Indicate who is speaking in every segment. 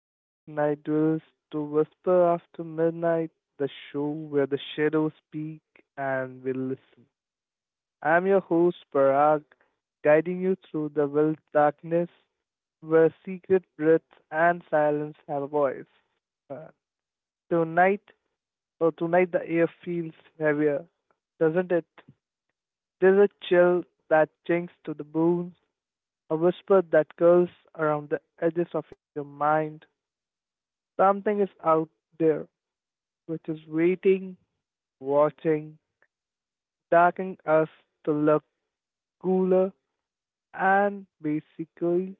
Speaker 1: back to Night Duels to Whisper After Midnight, the show where the shadows speak and we listen. I'm your host Parag, guiding you through the world's darkness where secret breaths and silence have a voice. Uh, tonight, tonight the air feels heavier, doesn't it? There's a chill that chinks to the bones, a whisper that curls around the edges of your mind. Something is out there which is waiting, watching, taking us to look cooler, and basically,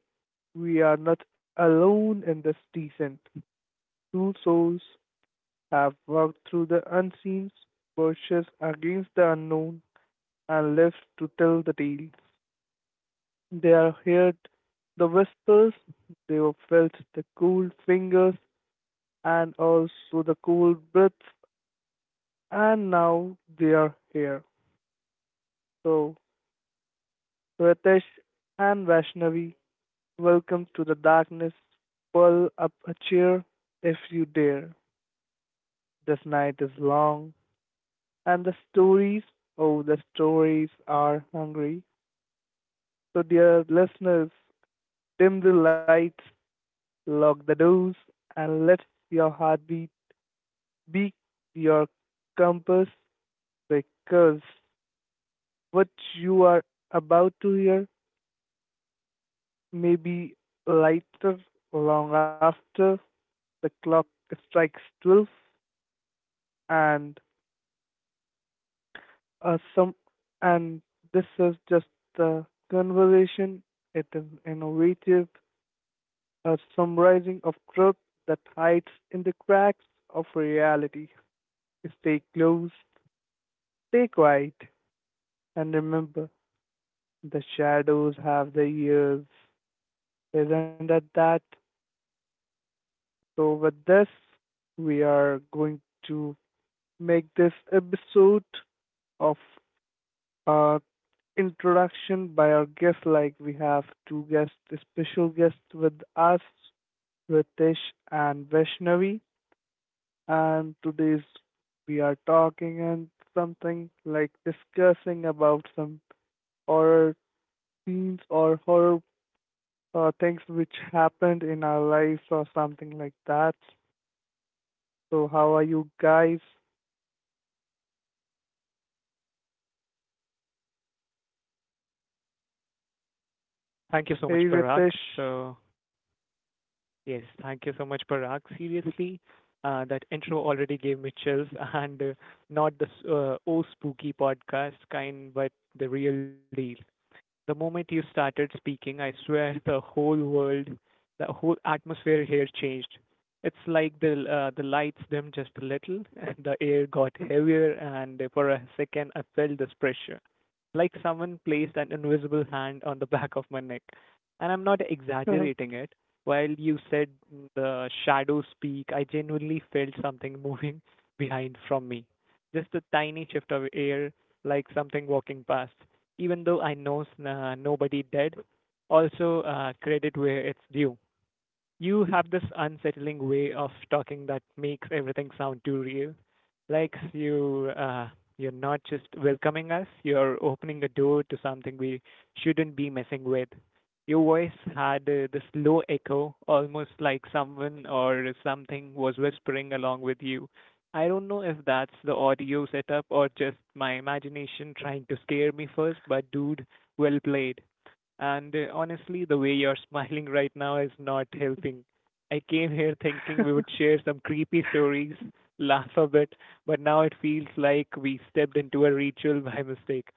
Speaker 1: we are not alone in this descent. Two souls have walked through the unseen, pushes against the unknown, and lived to tell the tales. They are heard the whispers, they have felt the cold fingers and also the cold breaths, and now they are here. So, Ritesh and Vaishnavi, welcome to the darkness. Pull up a chair if you dare. This night is long, and the stories, oh, the stories are hungry. So, dear listeners, dim the lights, lock the doors, and let your heartbeat be your compass, because what you are about to hear may be lighter long after the clock strikes 12. And some and This is just the conversation. It is innovative, a summarizing of truth that hides in the cracks of reality. Stay close, stay quiet, and remember the shadows have the ears, isn't it that? So with this, we are going to make this episode of uh, introduction by our guest. Like we have two guests, special guests with us, Ritesh and Vaishnavi. And today's we are talking and something like discussing about some horror scenes or horror things which happened in our lives or something like that. So how are you guys?
Speaker 2: Thank you so
Speaker 1: Hey
Speaker 2: much, Parag.
Speaker 1: Ritesh.
Speaker 2: So, yes, thank you so much, Parag. Seriously, that intro already gave me chills, and not the oh spooky podcast kind, but the real deal. The moment you started speaking, I swear the whole world, the whole atmosphere here changed. It's like the lights dimmed just a little, and the air got heavier, and for a second I felt this pressure, like someone placed an invisible hand on the back of my neck. And I'm not exaggerating it. While you said the shadows speak, I genuinely felt something moving behind from me. Just a tiny shift of air, like something walking past even though I know nobody did. Also, credit where it's due. You have this unsettling way of talking that makes everything sound too real. Like you're not just welcoming us, you're opening a door to something we shouldn't be messing with. Your voice had this low echo, almost like someone or something was whispering along with you. I don't know if that's the audio setup or just my imagination trying to scare me first, but dude, well played. And honestly, the way you're smiling right now is not helping. I came here thinking we would share some creepy stories, laugh a bit, but now it feels like we stepped into a ritual by mistake.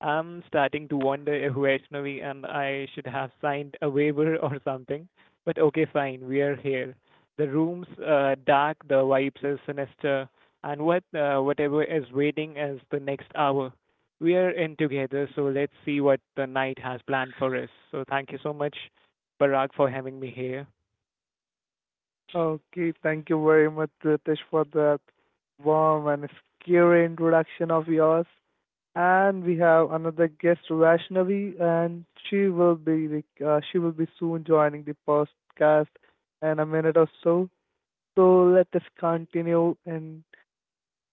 Speaker 2: I'm starting to wonder if Vaishnavi and I should have signed a waiver or something. But okay, fine, we are here. The room's dark, the vibes is sinister, and whatever is waiting is the next hour we are in together, so let's see what the night has planned for us. So thank you so much, Parag, for having me here.
Speaker 1: Okay, thank you very much, Ritesh, for that warm and scary introduction of yours. And we have another guest, Vaishnavi, and she will be soon joining the podcast in a minute or so. So let us continue in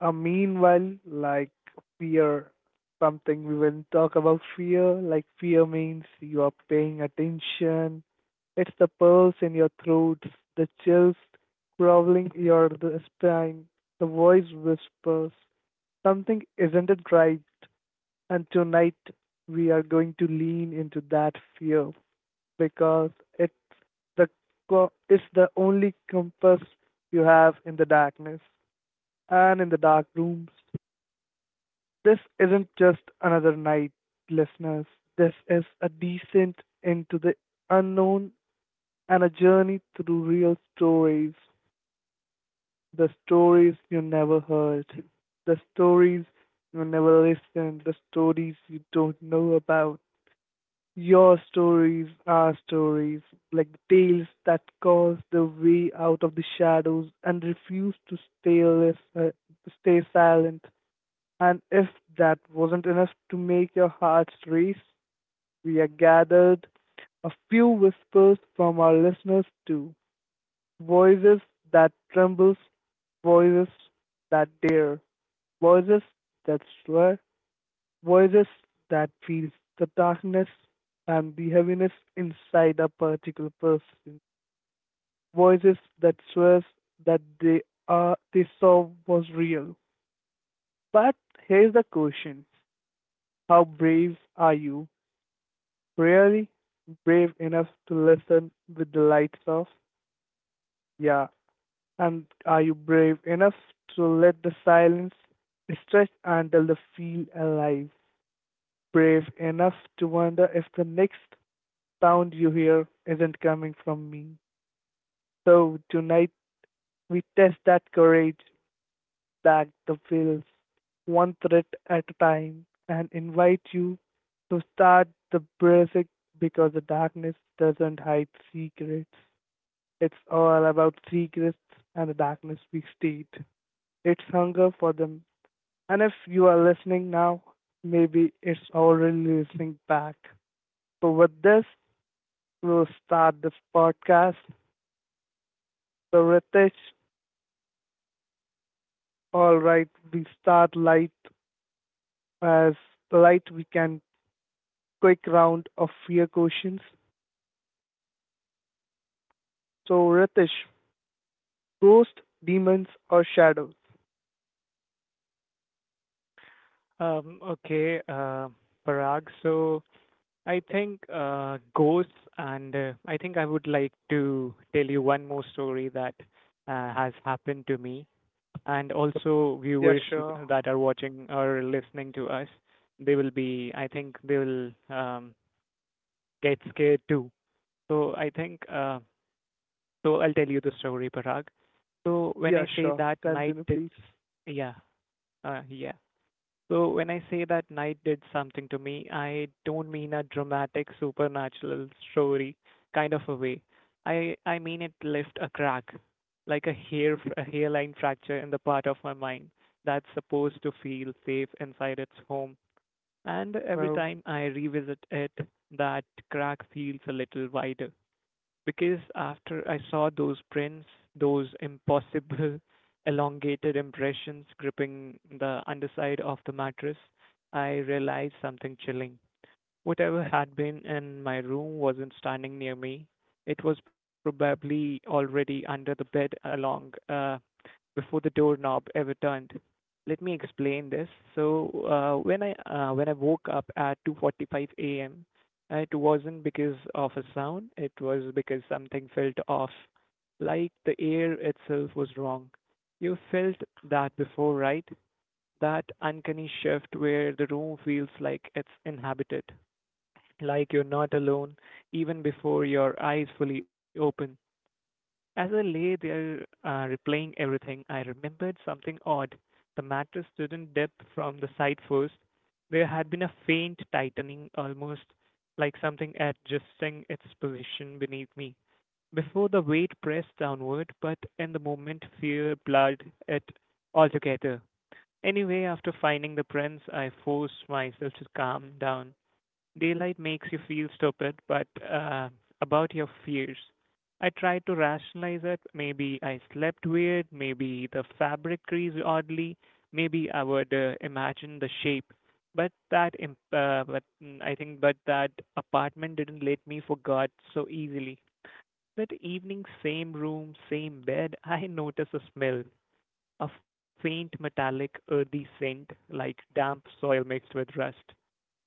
Speaker 1: meanwhile, like fear, something we will talk about fear. Like fear means you are paying attention. It's the pulse in your throat, the chills crawling your the spine. The voice whispers, something isn't it right? And tonight we are going to lean into that fear because it's the it's the only compass you have in the darkness and in the dark rooms. This isn't just another night, listeners. This is a descent into the unknown and a journey through real stories. The stories you never heard, the stories you never listened, the stories you don't know about. Your stories are stories, like tales that cause the way out of the shadows and refuse to stay, stay silent. And if that wasn't enough to make your hearts race, we are gathered a few whispers from our listeners too. Voices that tremble, voices that dare, voices that swear, voices that feels the darkness and the heaviness inside a particular person. Voices that swears that they are they saw was real. But here's the question. How brave are you really? Brave enough to listen with the lights off? Yeah. And are you brave enough to let the silence stretch until the feel alive? Brave enough to wonder if the next sound you hear isn't coming from me. So tonight we test that courage, back the veils one thread at a time, and invite you to start the basic, because the darkness doesn't hide secrets. It's all about secrets, and the darkness we state, it's hunger for them. And if you are listening now, maybe it's already listening back. So with this, we'll start this podcast. So Ritesh, all right, we start light as light we can, quick round of fear questions. So, Ritesh, ghost, demons, or shadows?
Speaker 2: Um, okay, uh, Parag. So I think ghosts, and I think I would like to tell you one more story that has happened to me, and also
Speaker 1: Yeah,
Speaker 2: viewers
Speaker 1: sure.
Speaker 2: that are watching or listening to us, they will be, I think they will get scared too. So I think so I'll tell you the story, Parag. So when
Speaker 1: Yeah,
Speaker 2: I say
Speaker 1: sure.
Speaker 2: that night
Speaker 1: Continue,
Speaker 2: did,
Speaker 1: please.
Speaker 2: yeah, yeah. So when I say that night did something to me, I don't mean a dramatic supernatural story kind of a way. I mean it left a crack, like a hairline fracture in the part of my mind that's supposed to feel safe inside its home. And every
Speaker 1: No,
Speaker 2: time I revisit it, that crack feels a little wider because after I saw those prints, those impossible elongated impressions gripping the underside of the mattress, I realized something chilling. Whatever had been in my room wasn't standing near me. It was probably already under the bed along before the doorknob ever turned. Let me explain this. So when I woke up at 2:45 a.m., it wasn't because of a sound. It was because something felt off, like the air itself was wrong. You felt that before, right? That uncanny shift where the room feels like it's inhabited, like you're not alone, even before your eyes fully open. As I lay there replaying everything, I remembered something odd. The mattress didn't dip from the side first. There had been a faint tightening, almost like something adjusting its position beneath me. Before the weight pressed downward, but in the moment, fear blurred it altogether. Anyway, after finding the prints, I forced myself to calm down. Daylight makes you feel stupid, but about your fears. I tried to rationalize it. Maybe I slept weird. Maybe the fabric creased oddly. Maybe I would imagine the shape. But that, imp- but mm, I think, but that apartment didn't let me forget so easily. That evening, same room, same bed, I noticed a smell, a faint metallic earthy scent, like damp soil mixed with rust.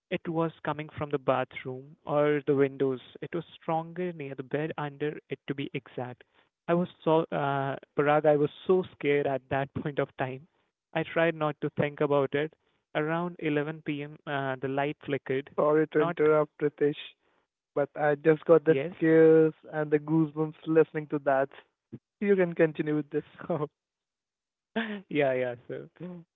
Speaker 2: It was coming from the bathroom or the windows. It was stronger near the bed under it to be exact. I was so Parag, I was so scared at that point of time. I tried not to think about it. Around 11 p.m., the light flickered.
Speaker 1: sorry to
Speaker 2: Not
Speaker 1: interrupt, Ritesh, but I just got the
Speaker 2: yes.
Speaker 1: scares and the goosebumps listening to that. You can continue with this.
Speaker 2: Oh, yeah, yeah. So,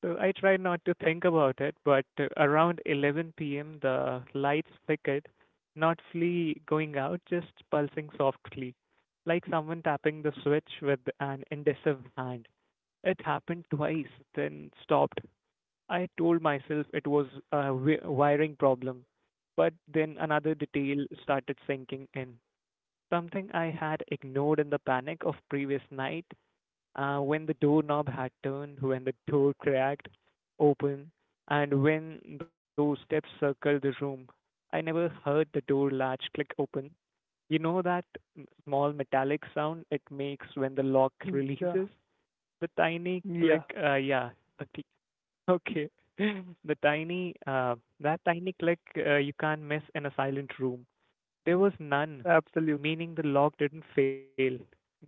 Speaker 2: so I try not to think about it, but around 11 p.m., the lights flickered, not fully going out, just pulsing softly, like someone tapping the switch with an indecisive hand. It happened twice, then stopped. I told myself it was a wiring problem, but then another detail started sinking in. Something I had ignored in the panic of previous night when the doorknob had turned, when the door cracked open, and when those steps circled the room. I never heard the door latch click open. You know that small metallic sound it makes when the lock
Speaker 1: Yeah,
Speaker 2: releases? The tiny
Speaker 1: yeah,
Speaker 2: click, yeah, okay. Okay. The tiny click you can't miss in a silent room. There was none,
Speaker 1: absolutely.
Speaker 2: meaning the lock didn't fail. Yes.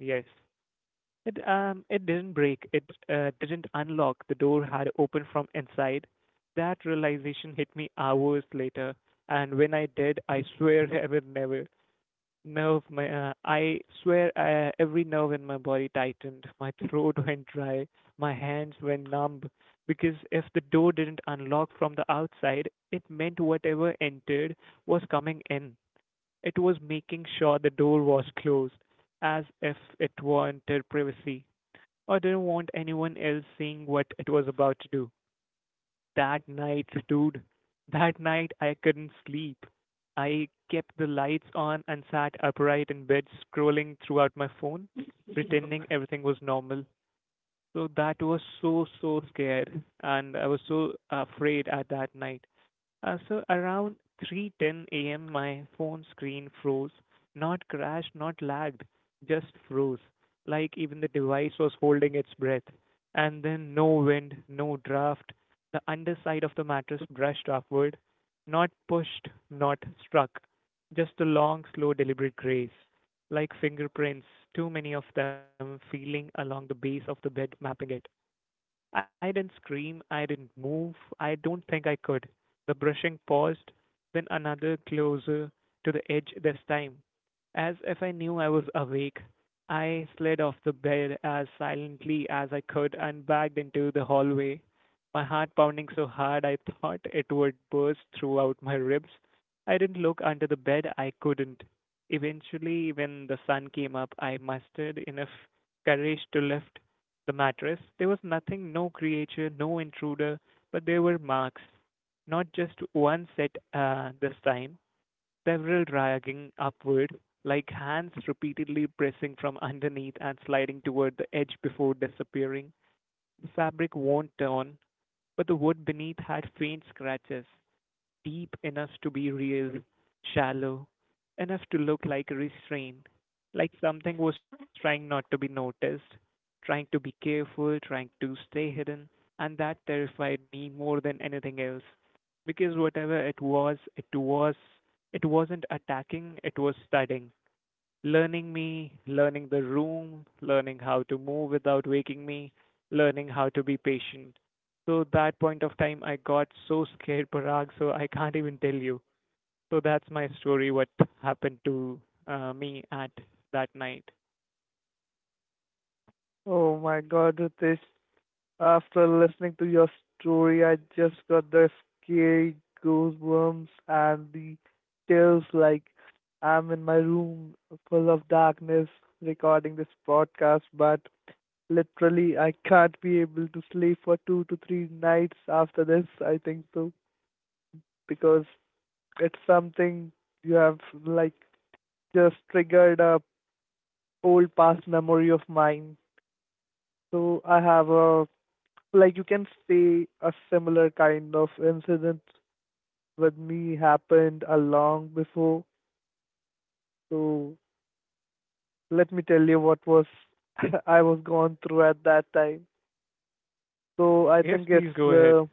Speaker 2: It didn't break. It didn't unlock. The door had opened from inside. That realization hit me hours later, and when I did, I swear I would never. Nerve, my I swear every nerve in my body tightened. My throat went dry. My hands went numb because if the door didn't unlock from the outside, it meant whatever entered was coming in. It was making sure the door was closed, as if it wanted privacy. I didn't want anyone else seeing what it was about to do. That night, dude, that night I couldn't sleep. I kept the lights on and sat upright in bed scrolling throughout my phone, pretending everything was normal. So that was so, so scared, and I was so afraid at that night. So around 3:10 a.m., my phone screen froze. Not crashed, not lagged, just froze. Like even the device was holding its breath. And then no wind, no draft. The underside of the mattress brushed upward. Not pushed, not struck. Just a long, slow, deliberate grace. Like fingerprints, too many of them feeling along the base of the bed, mapping it. I didn't scream, I didn't move, I don't think I could. The brushing paused, then another closer to the edge this time. As if I knew I was awake, I slid off the bed as silently as I could and backed into the hallway, my heart pounding so hard I thought it would burst throughout my ribs. I didn't look under the bed, I couldn't. Eventually, when the sun came up, I mustered enough courage to lift the mattress, there was nothing, no creature, no intruder, but there were marks. Not just one set this time, several dragging upward, like hands repeatedly pressing from underneath and sliding toward the edge before disappearing. The fabric won't turn, but the wood beneath had faint scratches deep enough to be real, shallow enough to look like restraint, like something was trying not to be noticed, trying to be careful, trying to stay hidden, and that terrified me more than anything else. Because whatever it was, it wasn't attacking, it was studying learning me, learning the room, learning how to move without waking me, learning how to be patient. So that point of time, I got so scared, Parag, so I can't even tell you. So that's my story, what happened to me at that night.
Speaker 1: Oh my God, Ritesh, after listening to your story, I just got the scary goosebumps and the chills. Like I'm in my room full of darkness recording this podcast, but literally I can't be able to sleep for two to three nights after this, I think so, because it's something you have like just triggered a old past memory of mine. So I have a, like you can say, a similar kind of incident with me happened a long before. So let me tell you what was I was going through at that time.
Speaker 2: Yes,
Speaker 1: So I
Speaker 2: please
Speaker 1: think
Speaker 2: go
Speaker 1: it's
Speaker 2: ahead.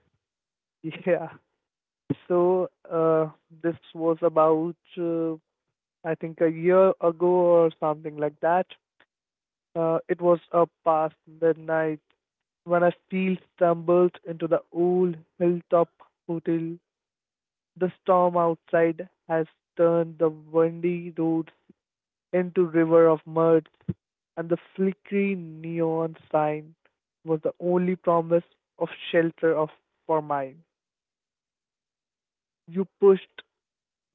Speaker 1: yeah. So this was about I think a year ago or something like that. It was past midnight when I still stumbled into the old hilltop hotel. The storm outside has turned the windy roads into river of mud, and the flickering neon sign was the only promise of shelter of for mine. You pushed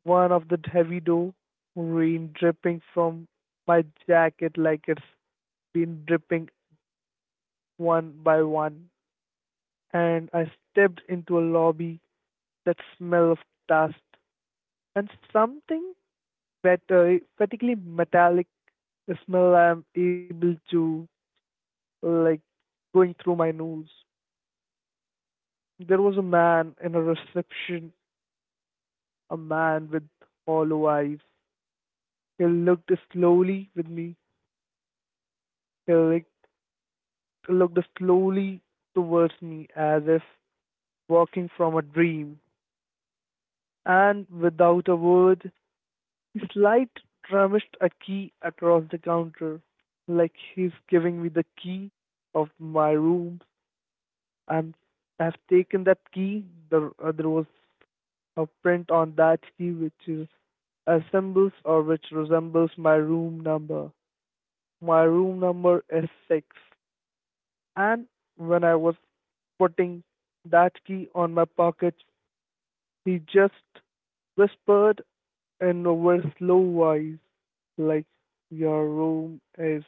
Speaker 1: one of the heavy door, rain dripping from my jacket like it's been dripping one by one, and I stepped into a lobby that smelled of dust and something better, particularly metallic smell I'm able to, like, going through my nose. There was a man in a reception, a man with hollow eyes. He looked slowly with me. He, like, looked slowly towards me as if walking from a dream. And without a word, he slight rummaged a key across the counter, like he's giving me the key of my room. And I've taken that key. There, there was of print on that key which is assembles or which resembles my room number. My room number is 6. And when I was putting that key on my pocket, he just whispered in a very slow voice, like, your room is,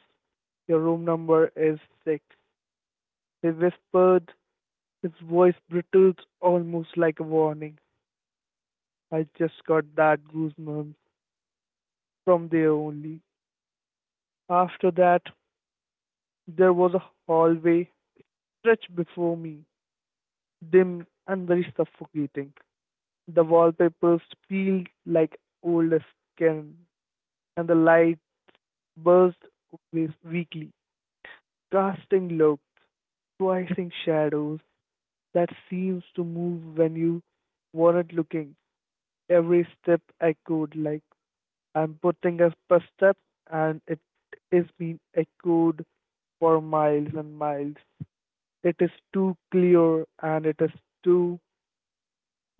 Speaker 1: your room number is 6. He whispered, his voice brittled almost like a warning. I just got that goosebumps from there only. After that, there was a hallway stretched before me, dim and very suffocating. The wallpapers peeled like old skin, and the light buzzed weakly, casting looks, twisting shadows that seems to move when you weren't looking. Every step echoed like I'm putting up a step, and it is being echoed for miles and miles. It is too clear and it is too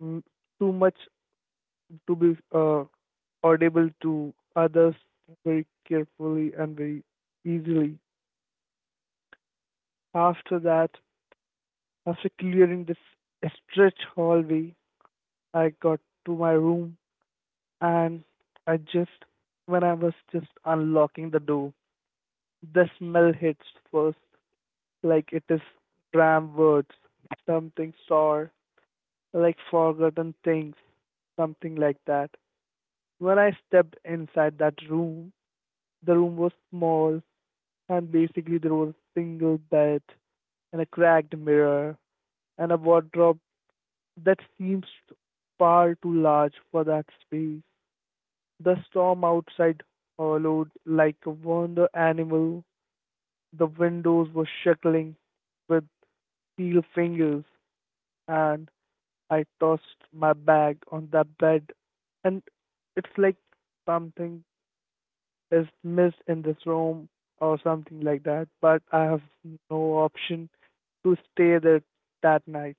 Speaker 1: mm, too much to be audible to others very carefully and very easily. After that, after clearing this stretch hallway, I got to my room, and I just when I was just unlocking the door, the smell hits first, like it is tram words, something sour, like forgotten things, something like that. When I stepped inside that room, the room was small, and basically there was a single bed and a cracked mirror and a wardrobe that seems far too large for that space. The storm outside howled like a wonder animal. The windows were shackling with steel fingers, and I tossed my bag on that bed. And it's like something is missed in this room or something like that, but I have no option to stay there that night.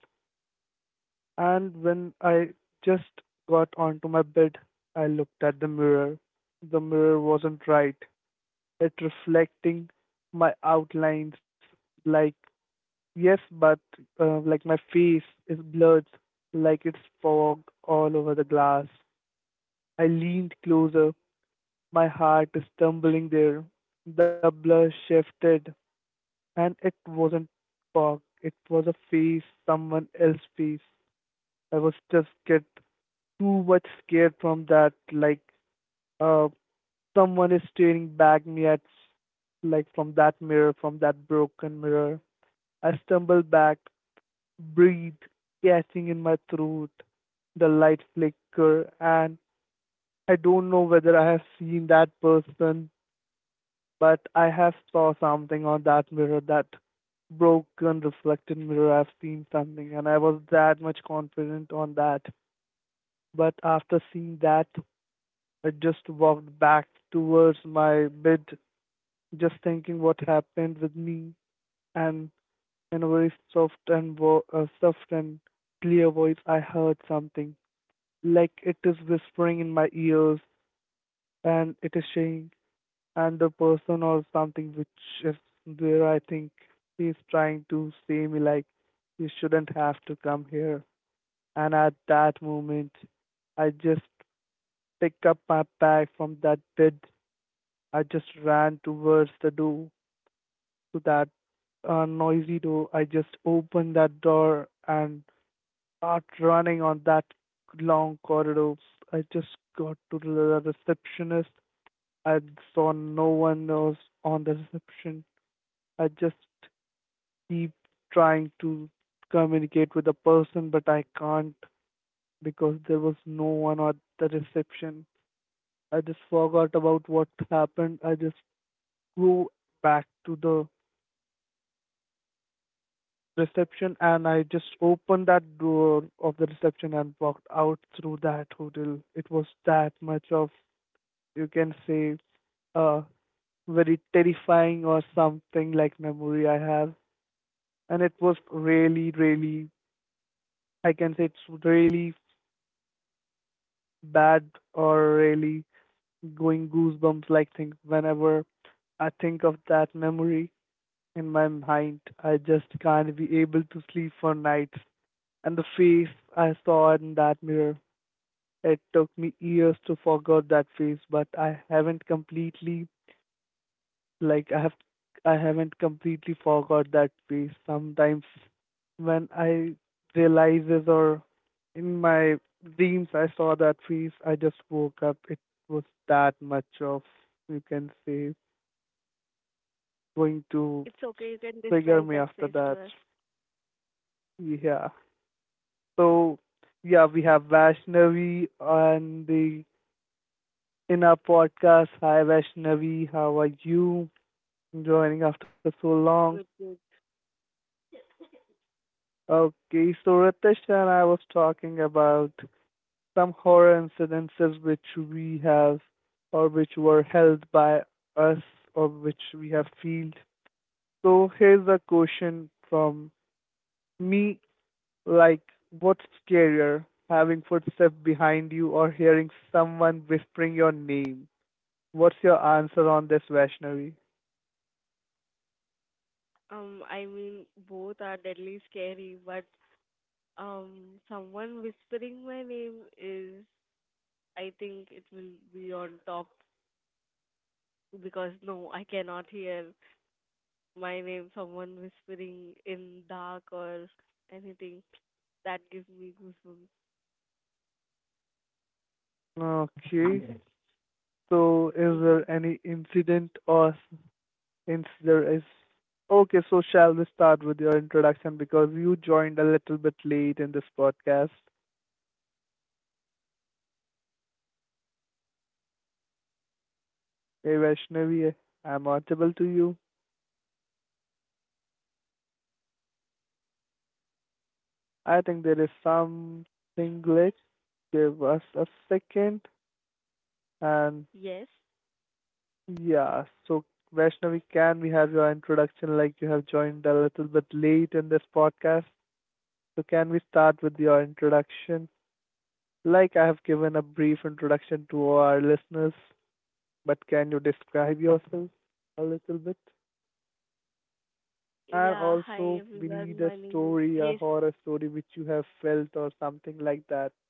Speaker 1: And when I just got onto my bed, I looked at the mirror. The mirror wasn't right. It reflecting my outlines like yes, but like my face is blurred, like it's fog all over the glass. I leaned closer. My heart is tumbling there. The blur shifted, and it wasn't fog. It was a face, someone else's face. I was just get too much scared from that. Like, uh, someone is staring back me at, like from that mirror, from that broken mirror. I stumbled back, breathe, catching in my throat. The light flicker, and I don't know whether I have seen that person, but I have saw something on that mirror, that broken reflected mirror. I've seen something, and I was that much confident on that. But after seeing that, I just walked back towards my bed, just thinking what happened with me. And in a very soft and soft and clear voice, I heard something like it is whispering in my ears, and it is saying, and the person or something which is there, I think he's trying to say me like you shouldn't have to come here. And at that moment I just pick up my bag from that bed. I just ran towards the door, to that noisy door. I just opened that door and start running on that long corridor. I just got to the receptionist. I saw no one else on the reception. I just keep trying to communicate with the person, but I can't, because there was no one at the reception. I just forgot about what happened. I just flew back to the reception and I just opened that door of the reception and walked out through that hotel. It was that much of, you can say, a very terrifying or something like memory I have. And it was really, really, I can say it's really bad or really going goosebumps like thing whenever I think of that memory in my mind. I just can't be able to sleep for nights. And the face I saw in that mirror, it took me years to forget that face, but like I have I haven't completely forgot that piece. Sometimes when I realizes or in my dreams I saw that piece, I just woke up. It was that much of, you can say, going to
Speaker 3: It's okay, you can
Speaker 1: trigger
Speaker 3: describe
Speaker 1: me
Speaker 3: that
Speaker 1: after
Speaker 3: face to
Speaker 1: that.
Speaker 3: us.
Speaker 1: Yeah. So yeah, we have Vaishnavi on the in our podcast. Hi Vaishnavi, how are you? Joining after so long.
Speaker 3: Good, good.
Speaker 1: Okay, so Ritesh and I was talking about some horror incidences which we have or which were held by us or which we have felt. So here's a question from me, like, what's scarier, having footsteps behind you or hearing someone whispering your name? What's your answer on this, Vaishnavi?
Speaker 3: I mean, both are deadly scary, but someone whispering my name is, I think it will be on top because no, I cannot hear my name. Someone whispering in dark or anything that gives me goosebumps.
Speaker 1: Okay. So is
Speaker 3: Mhm.
Speaker 1: there any incident or since there is. Okay, so shall we start with your introduction, because you joined a little bit late in this podcast. Hey Vaishnavi, I'm audible to you. I think there is something glitch. Give us a second. And
Speaker 3: Yes.
Speaker 1: yeah, so Vaishnavi, can we have your introduction, like you have joined a little bit late in this podcast? So can we start with your introduction? Like I have given a brief introduction to our listeners, but can you describe yourself a little bit? And
Speaker 3: Yeah. Hi
Speaker 1: also, we need
Speaker 3: everyone.
Speaker 1: a
Speaker 3: My name is
Speaker 1: story, a
Speaker 3: yes.
Speaker 1: horror story which you have felt or something like that.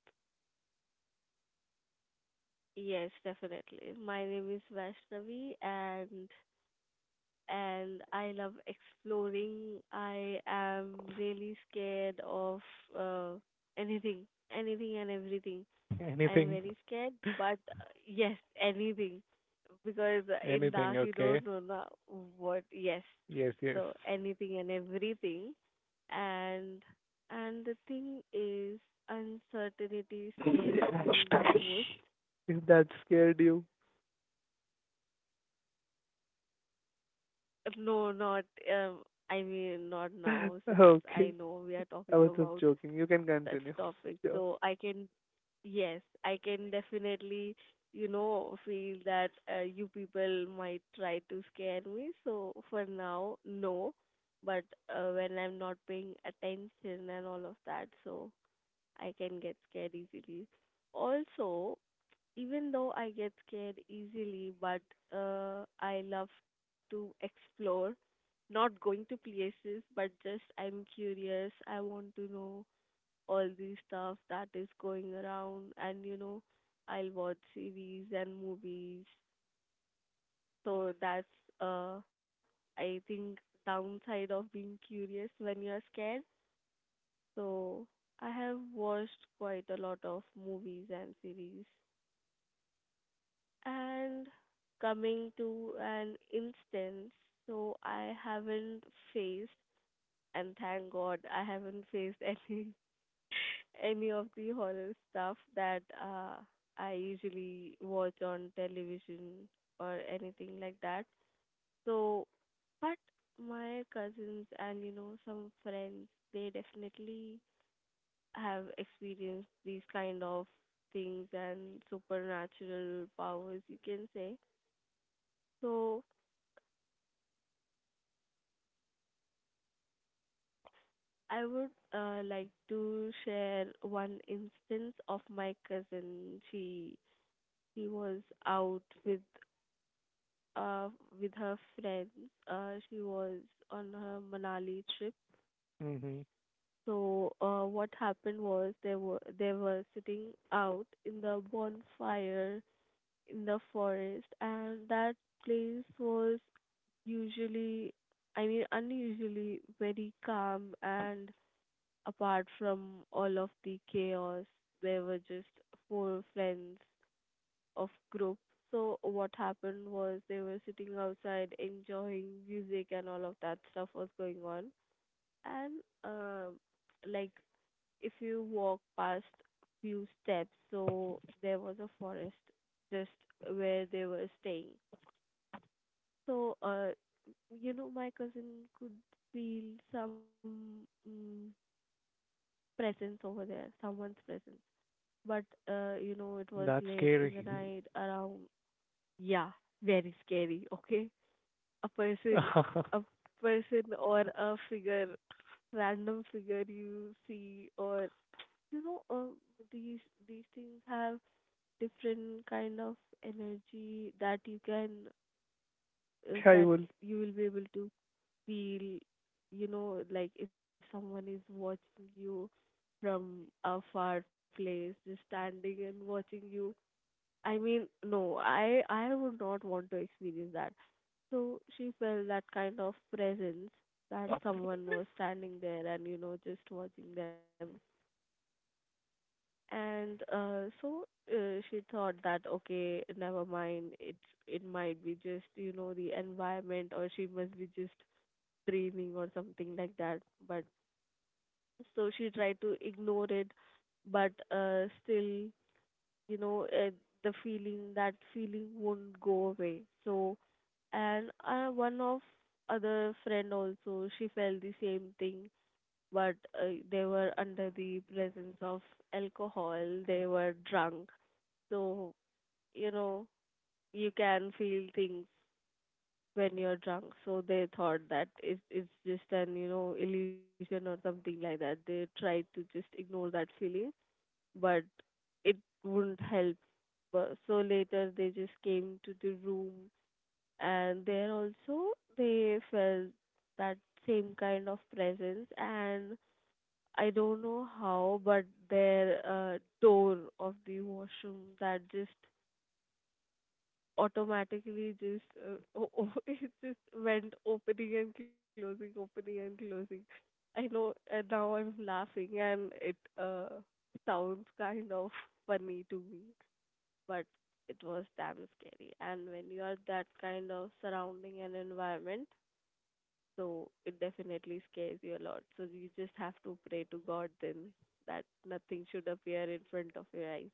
Speaker 3: Yes, definitely. My name is Vaishnavi, and I love exploring. I am really scared of uh, anything, anything and everything. I'm
Speaker 2: Anything,
Speaker 3: very scared, but yes, anything because in
Speaker 2: anything,
Speaker 3: dark you
Speaker 2: okay.
Speaker 3: don't know na, what. Yes,
Speaker 2: Yes, yes.
Speaker 3: so anything and everything, and the thing is uncertainty scares me the most.
Speaker 1: If that scared you.
Speaker 3: No, not um, I mean, not now, since I
Speaker 1: Okay.
Speaker 3: know we are
Speaker 1: I
Speaker 3: talking
Speaker 1: was just
Speaker 3: about
Speaker 1: joking. You can
Speaker 3: such
Speaker 1: continue.
Speaker 3: topic.
Speaker 1: Yeah,
Speaker 3: Yes, I can definitely, you know, feel that you people might try to scare me. So for now, no. But when I'm not paying attention and all of that, so I can get scared easily. Also, even though I get scared easily, but I love to explore not going to places, but just I'm curious. I want to know all the stuff that is going around, and you know I'll watch series and movies. So that's uh I think downside of being curious when you're scared. So I have watched quite a lot of movies and series. And coming to an instance, so I haven't faced, and thank God I haven't faced any any of the horror stuff that I usually watch on television or anything like that. So, but my cousins and you know some friends, they definitely have experienced these kind of things and supernatural powers, you can say. So, I would like to share one instance of my cousin. She was out uh, with her friends. She was on her Manali trip.
Speaker 2: Hmm.
Speaker 3: So what happened was they were sitting out in the bonfire in the forest, and that place was usually, I mean, unusually very calm, and apart from all of the chaos, there were just four friends of group. So what happened was they were sitting outside enjoying music, and all of that stuff was going on. And um like if you walk past few steps, so there was a forest just where they were staying. So you know my cousin could feel some presence over there, someone's presence. But you know it was
Speaker 2: That's
Speaker 3: late in the
Speaker 2: scary.
Speaker 3: night around yeah, very scary, okay? a person, a person or a figure, random figure you see, or you know, these these things have different kind of energy that you can
Speaker 1: Yeah, I
Speaker 3: that
Speaker 1: will.
Speaker 3: you will be able to feel. You know, like if someone is watching you from a far place, just standing and watching you, I mean, no, I would not want to experience that. So she felt that kind of presence that someone was standing there and you know just watching them. And she thought that okay, never mind. It might be just you know the environment, or she must be just dreaming or something like that. But so she tried to ignore it, but still you know, that feeling won't go away. So, and one of other friend also, she felt the same thing, but they were under the presence of alcohol, they were drunk. So, you know, you can feel things when you're drunk. So they thought that it's just an, you know, illusion or something like that. They tried to just ignore that feeling, but it wouldn't help. But so later they just came to the room, and there also they felt that same kind of presence. And I don't know how, but their door of the washroom that just automatically just it just went opening and closing, opening and closing. I know, and now I'm laughing, and it uh sounds kind of funny to me, but it was damn scary. And when you are that kind of surrounding and environment, so it definitely scares you a lot. So you just have to pray to God then that nothing should appear in front of your eyes.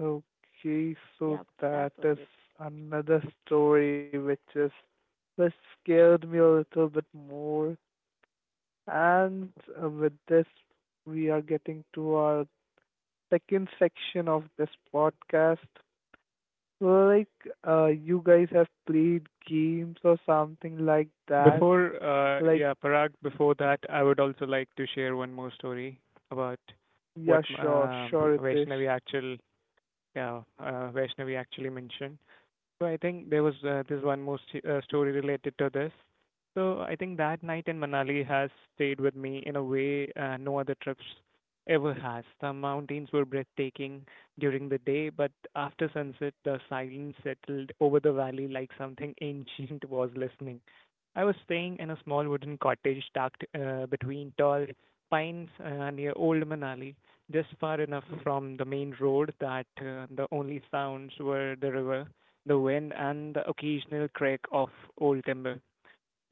Speaker 1: Okay, so
Speaker 3: Yep, that
Speaker 1: that
Speaker 3: was
Speaker 1: is
Speaker 3: it.
Speaker 1: another story which is, which scared me a little bit more. And with this, we are getting to our second section of this podcast. Like, you guys have played games or something like that.
Speaker 2: Before,
Speaker 1: Like,
Speaker 2: yeah, Parag, before that, I would also like to share one more story about what
Speaker 1: yeah, sure, sure, Ritesh.
Speaker 2: Vaishnavi actually mentioned. So I think there was this one more st- story related to this. So I think that night in Manali has stayed with me in a way no other trips ever has. The mountains were breathtaking during the day, but after sunset, the silence settled over the valley like something ancient was listening. I was staying in a small wooden cottage tucked between tall pines near Old Manali, just far enough from the main road that the only sounds were the river the wind, and the occasional crack of old timber.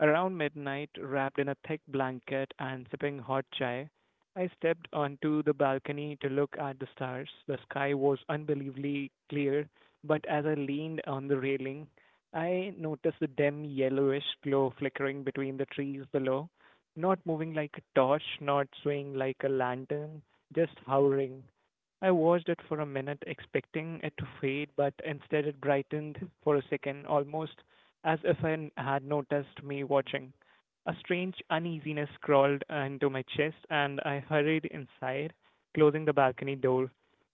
Speaker 2: Around midnight, wrapped in a thick blanket and sipping hot chai, I stepped onto the balcony to look at the stars. The sky was unbelievably clear, but as I leaned on the railing, I noticed the dim yellowish glow flickering between the trees below, not moving like a torch, not swaying like a lantern, just hovering. I watched it for a minute, expecting it to fade, but instead it brightened for a second, almost as if had noticed me watching. A strange uneasiness crawled into my chest, and I hurried inside, closing the balcony door.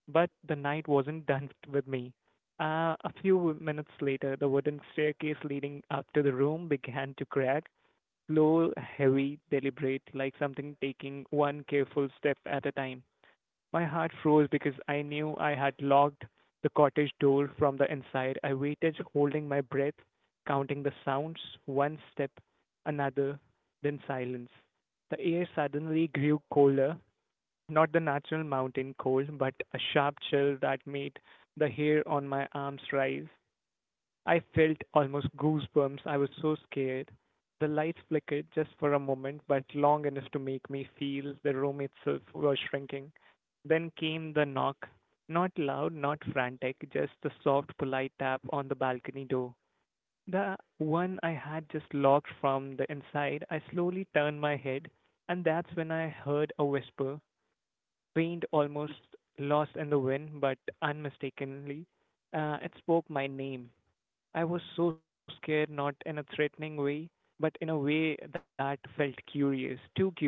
Speaker 2: But the night wasn't done with me. A few minutes later, the wooden staircase leading up to the room began to crack, slow, heavy, deliberate, like something taking one careful step at a time. My heart froze because I knew I had locked the cottage door from the inside. I waited, holding my breath, counting the sounds, one step, another, then silence. The air suddenly grew colder, not the natural mountain cold, but a sharp chill that made the hair on my arms rise. I felt almost goosebumps. I was so scared. The lights flickered just for a moment, but long enough to make me feel the room itself was shrinking. Then came the knock. Not loud, not frantic, just the soft, polite tap on the balcony door. The one I had just locked from the inside, I slowly turned my head, and that's when I heard a whisper, faint, almost lost in the wind, but unmistakably. It spoke my name. I was so scared, not in a threatening way, but in a way that felt curious, too curious.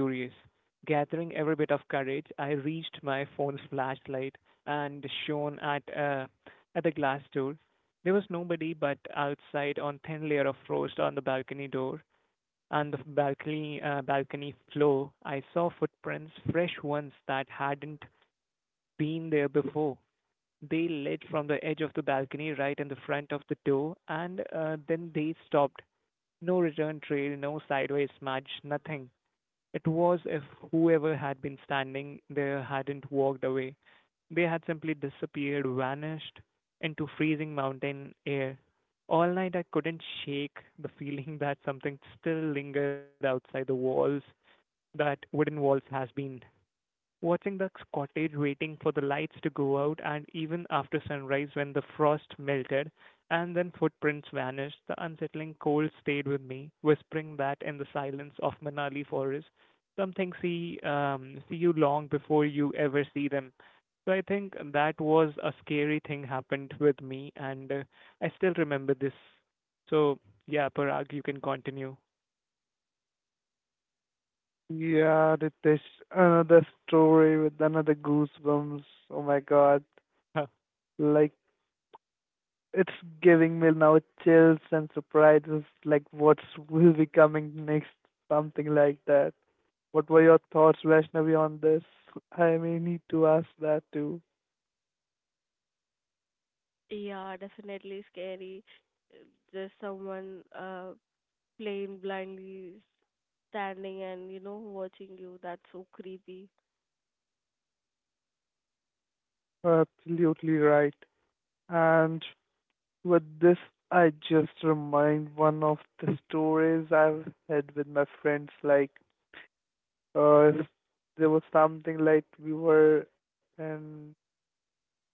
Speaker 2: Gathering every bit of courage, I reached my phone's flashlight and shone at the glass door. There was nobody but outside on thin layer of frost on the balcony door and the balcony floor. I saw footprints, fresh ones that hadn't been there before. They lit from the edge of the balcony right in the front of the door, and then they stopped. No return trail, no sideways smudge, nothing. It was as if whoever had been standing there hadn't walked away. They had simply disappeared, vanished into freezing mountain air. All night I couldn't shake the feeling that something still lingered outside the walls that wooden walls has been watching the cottage waiting for the lights to go out and even after sunrise when the frost melted and then footprints vanished, the unsettling cold stayed with me, whispering that in the silence of Manali forest, some things see you long before you ever see them. So I think that was a scary thing happened with me, and I still remember this. So yeah, Parag, you can continue.
Speaker 1: Yeah, Ritesh, another story with another goosebumps. Oh my god. Like, it's giving me now chills and surprises. Like, what will be coming next? Something like that. What were your thoughts, Vaishnavi, on this? I may need to ask that too.
Speaker 3: Yeah, definitely scary. Uh, Just someone plain blindly, standing and you know watching you. That's so creepy.
Speaker 1: Absolutely right. And with this, I just remind one of the stories I've had with my friends. Like, if there was something like we were in,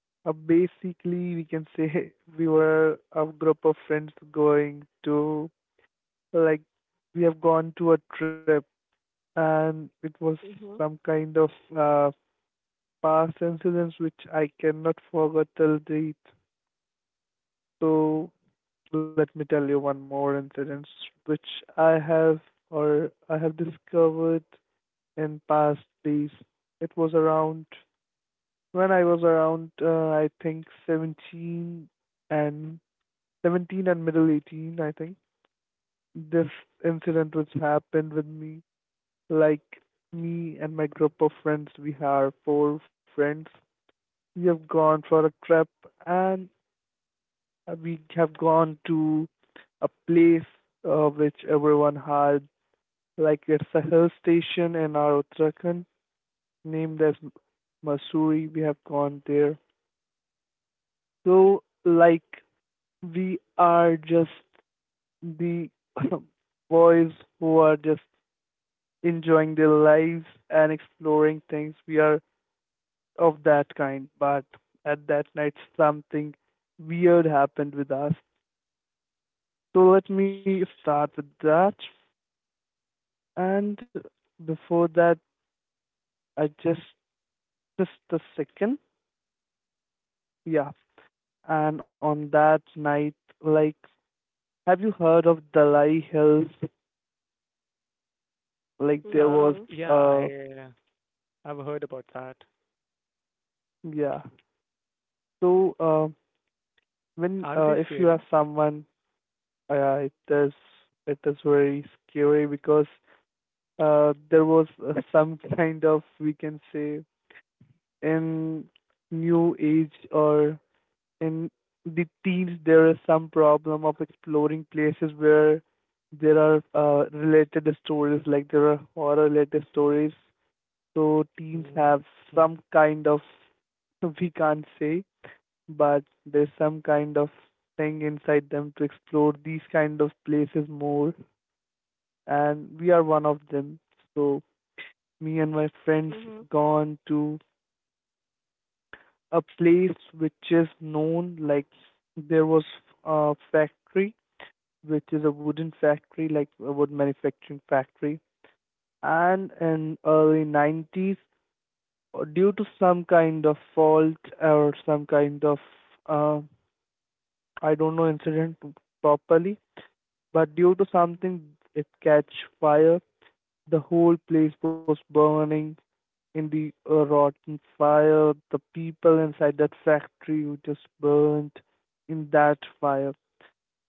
Speaker 1: basically we can say, we were a group of friends going to, like, we have gone to a trip, and it was some
Speaker 3: Mhm.
Speaker 1: kind of uh, past incidents which I cannot forget till date. So let me tell you one more incident which I have, or I have discovered in past days. It was around when I was around I think 17 and and middle 18, I think, this incident which happened with me. Like me and my group of friends, we are 4 friends, we have gone for a trip, and we have gone to a place which everyone had, like it's a hill station in our Uttarakhand named as Masuri. We have gone there. So, like, we are just the boys who are just enjoying their lives and exploring things. We are of that kind, but at that night, something weird happened with us. So, let me start with that. And before that, I just a second. Yeah. And on that night, like, have you heard of Dalai Hills? Like, there
Speaker 3: Mm,
Speaker 1: was,
Speaker 3: no.
Speaker 2: Yeah,
Speaker 1: uh,
Speaker 2: I I've heard about that.
Speaker 1: yeah. So when
Speaker 2: Are they
Speaker 1: if you have
Speaker 2: scary?
Speaker 1: someone, it is, it is very scary because there was some kind of, we can say, in new age or in the teens there is some problem of exploring places where there are related stories, like there are horror related stories, so teens
Speaker 2: Mhm.
Speaker 1: have some kind of, we can't say, but there's some kind of thing inside them to explore these kind of places more, and we are one of them. So me and my friends
Speaker 3: Mhm.
Speaker 1: gone to a place which is known like there was a factory which is a wooden factory, like a wood manufacturing factory. And in early 90s, due to some kind of fault or some kind of, uh, I don't know incident properly, but due to something it catch fire. The whole place was burning in the rotten fire. The people inside that factory who just burnt in that fire.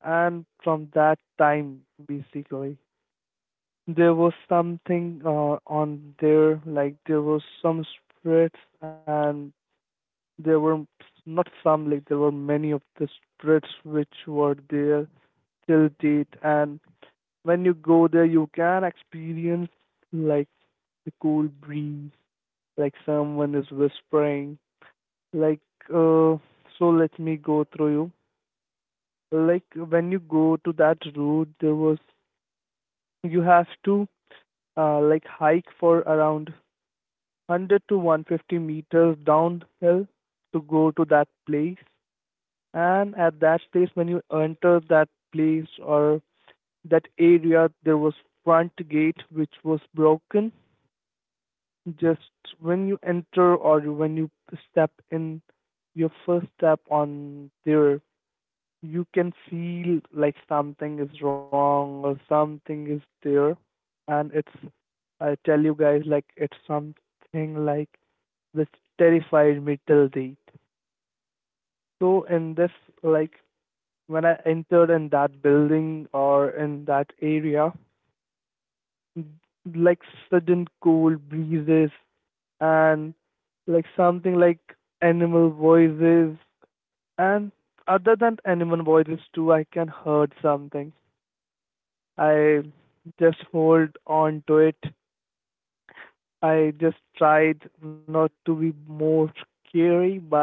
Speaker 1: And from that time, basically, there was something on there, like there was some spreads, and there were not some, like there were many of the spreads which were there till date. And when you go there, you can experience like the cool breeze, like someone is whispering, like uh. So let me go through you. Like when you go to that route, there was, you have to like hike for around 100 to 150 meters downhill to go to that place. And at that place, when you enter that place or that area, there was front gate which was broken. Just when you enter or when you step in your first step on there, you can feel like something is wrong or something is there. And it's, I tell you guys, like it's something like which terrified me till date. So in this, like when I entered in that building or in that area, like sudden cold breezes and like something like animal voices and other than animal voices too, I can heard something. I just hold on to it. I just tried not to be more scary, but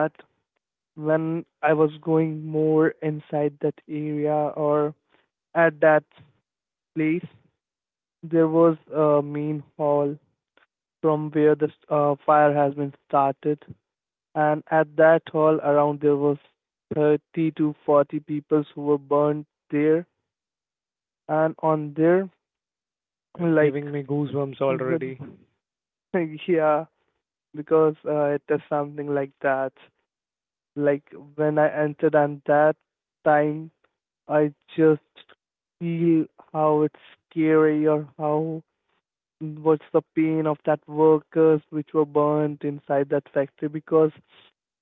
Speaker 1: when I was going more inside that area or at that place, there was a main hall from where the fire has been started, and at that hall around there was 30 to 40 people who were burned there, and on there,
Speaker 2: It's giving
Speaker 1: like,
Speaker 2: me goosebumps already.
Speaker 1: when, yeah, because it is something like that. Like when I entered, on that time I just feel how it's scary or how what's the pain of that workers which were burnt inside that factory, because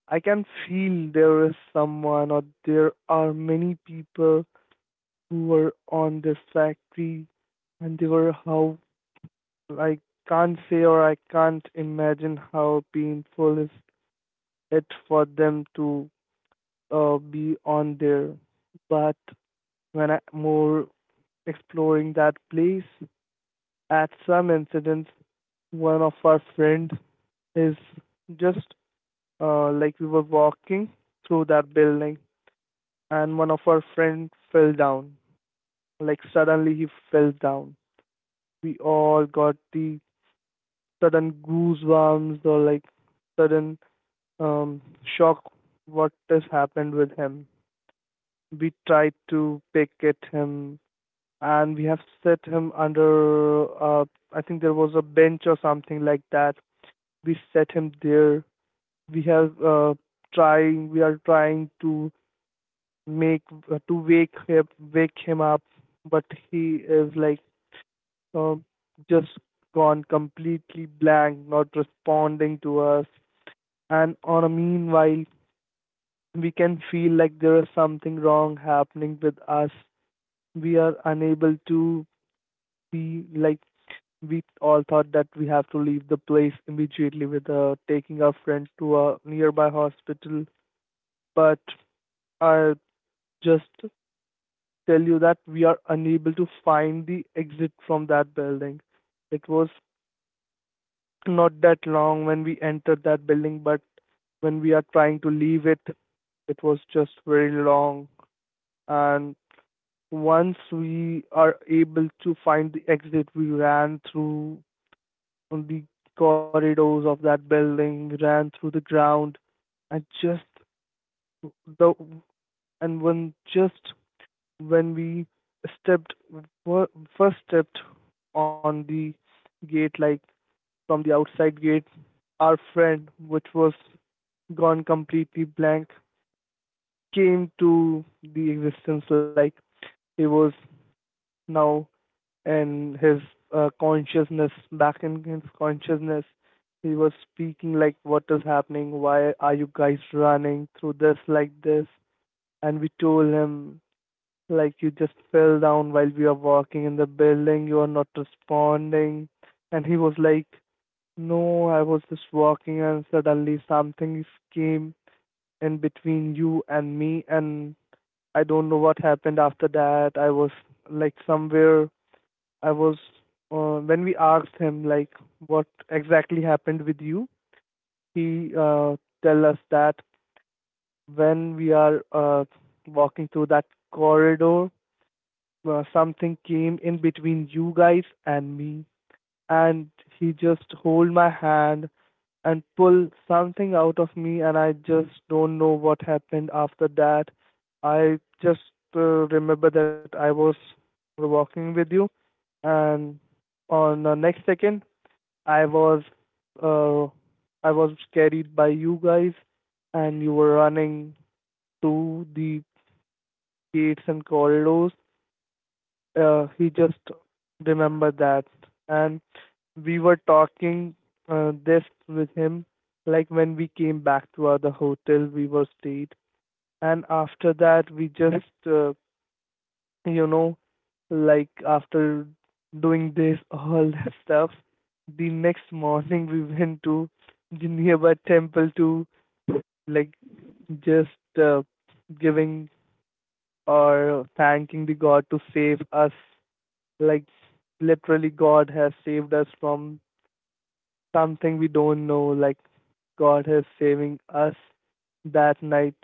Speaker 1: I can feel there is someone or there are many people who were on this factory and they were how, I can't say or I can't imagine how painful is it for them to be on there. But when I more exploring that place. At some incidents, one of our friend is just, like we were walking through that building, and one of our friend fell down. Like suddenly he fell down. We all got the sudden goosebumps or like sudden um, shock what has happened with him. We tried to pick at him and we have set him under uh, I think there was a bench or something like that. We set him there. We have trying we are trying to make, to wake him up, but he is like um just gone completely blank, not responding to us. And on a meanwhile, we can feel like there is something wrong happening with us. We are unable to see, like we all thought that we have to leave the place immediately with taking our friend to a nearby hospital. But I just tell you that we are unable to find the exit from that building. It was not that long when we entered that building, but when we are trying to leave it, it was just very long. And once we are able to find the exit, we ran through the corridors of that building, ran through the ground, and just the, and when just when we stepped fir- first stepped on the gate, like from the outside gate, our friend, which was gone completely blank, came to the existence, like he was now and his consciousness back in his consciousness, he was speaking like, what is happening, why are you guys running through this like this. And we told him, like, you just fell down while we are walking in the building, you are not responding. And he was like, no, I was just walking and suddenly something came in between you and me, and I don't know what happened after that. I was like somewhere I was When we asked him, like, what exactly happened with you, he tell us that when we are walking through that corridor, something came in between you guys and me, and he just hold my hand and pull something out of me, and I just don't know what happened after that. I just remember that I was walking with you, and on the next second I was, uh, I was carried by you guys, and you were running to the gates and corridors. He just remembered that, and we were talking this with him, like when we came back to our the hotel we were stayed, and after that we just you know, like after doing this, all that stuff, the next morning we went to the nearby temple to, like, just uh, giving or thanking the God to save us. Like literally, God has saved us from something we don't know. Like God is saving us that night.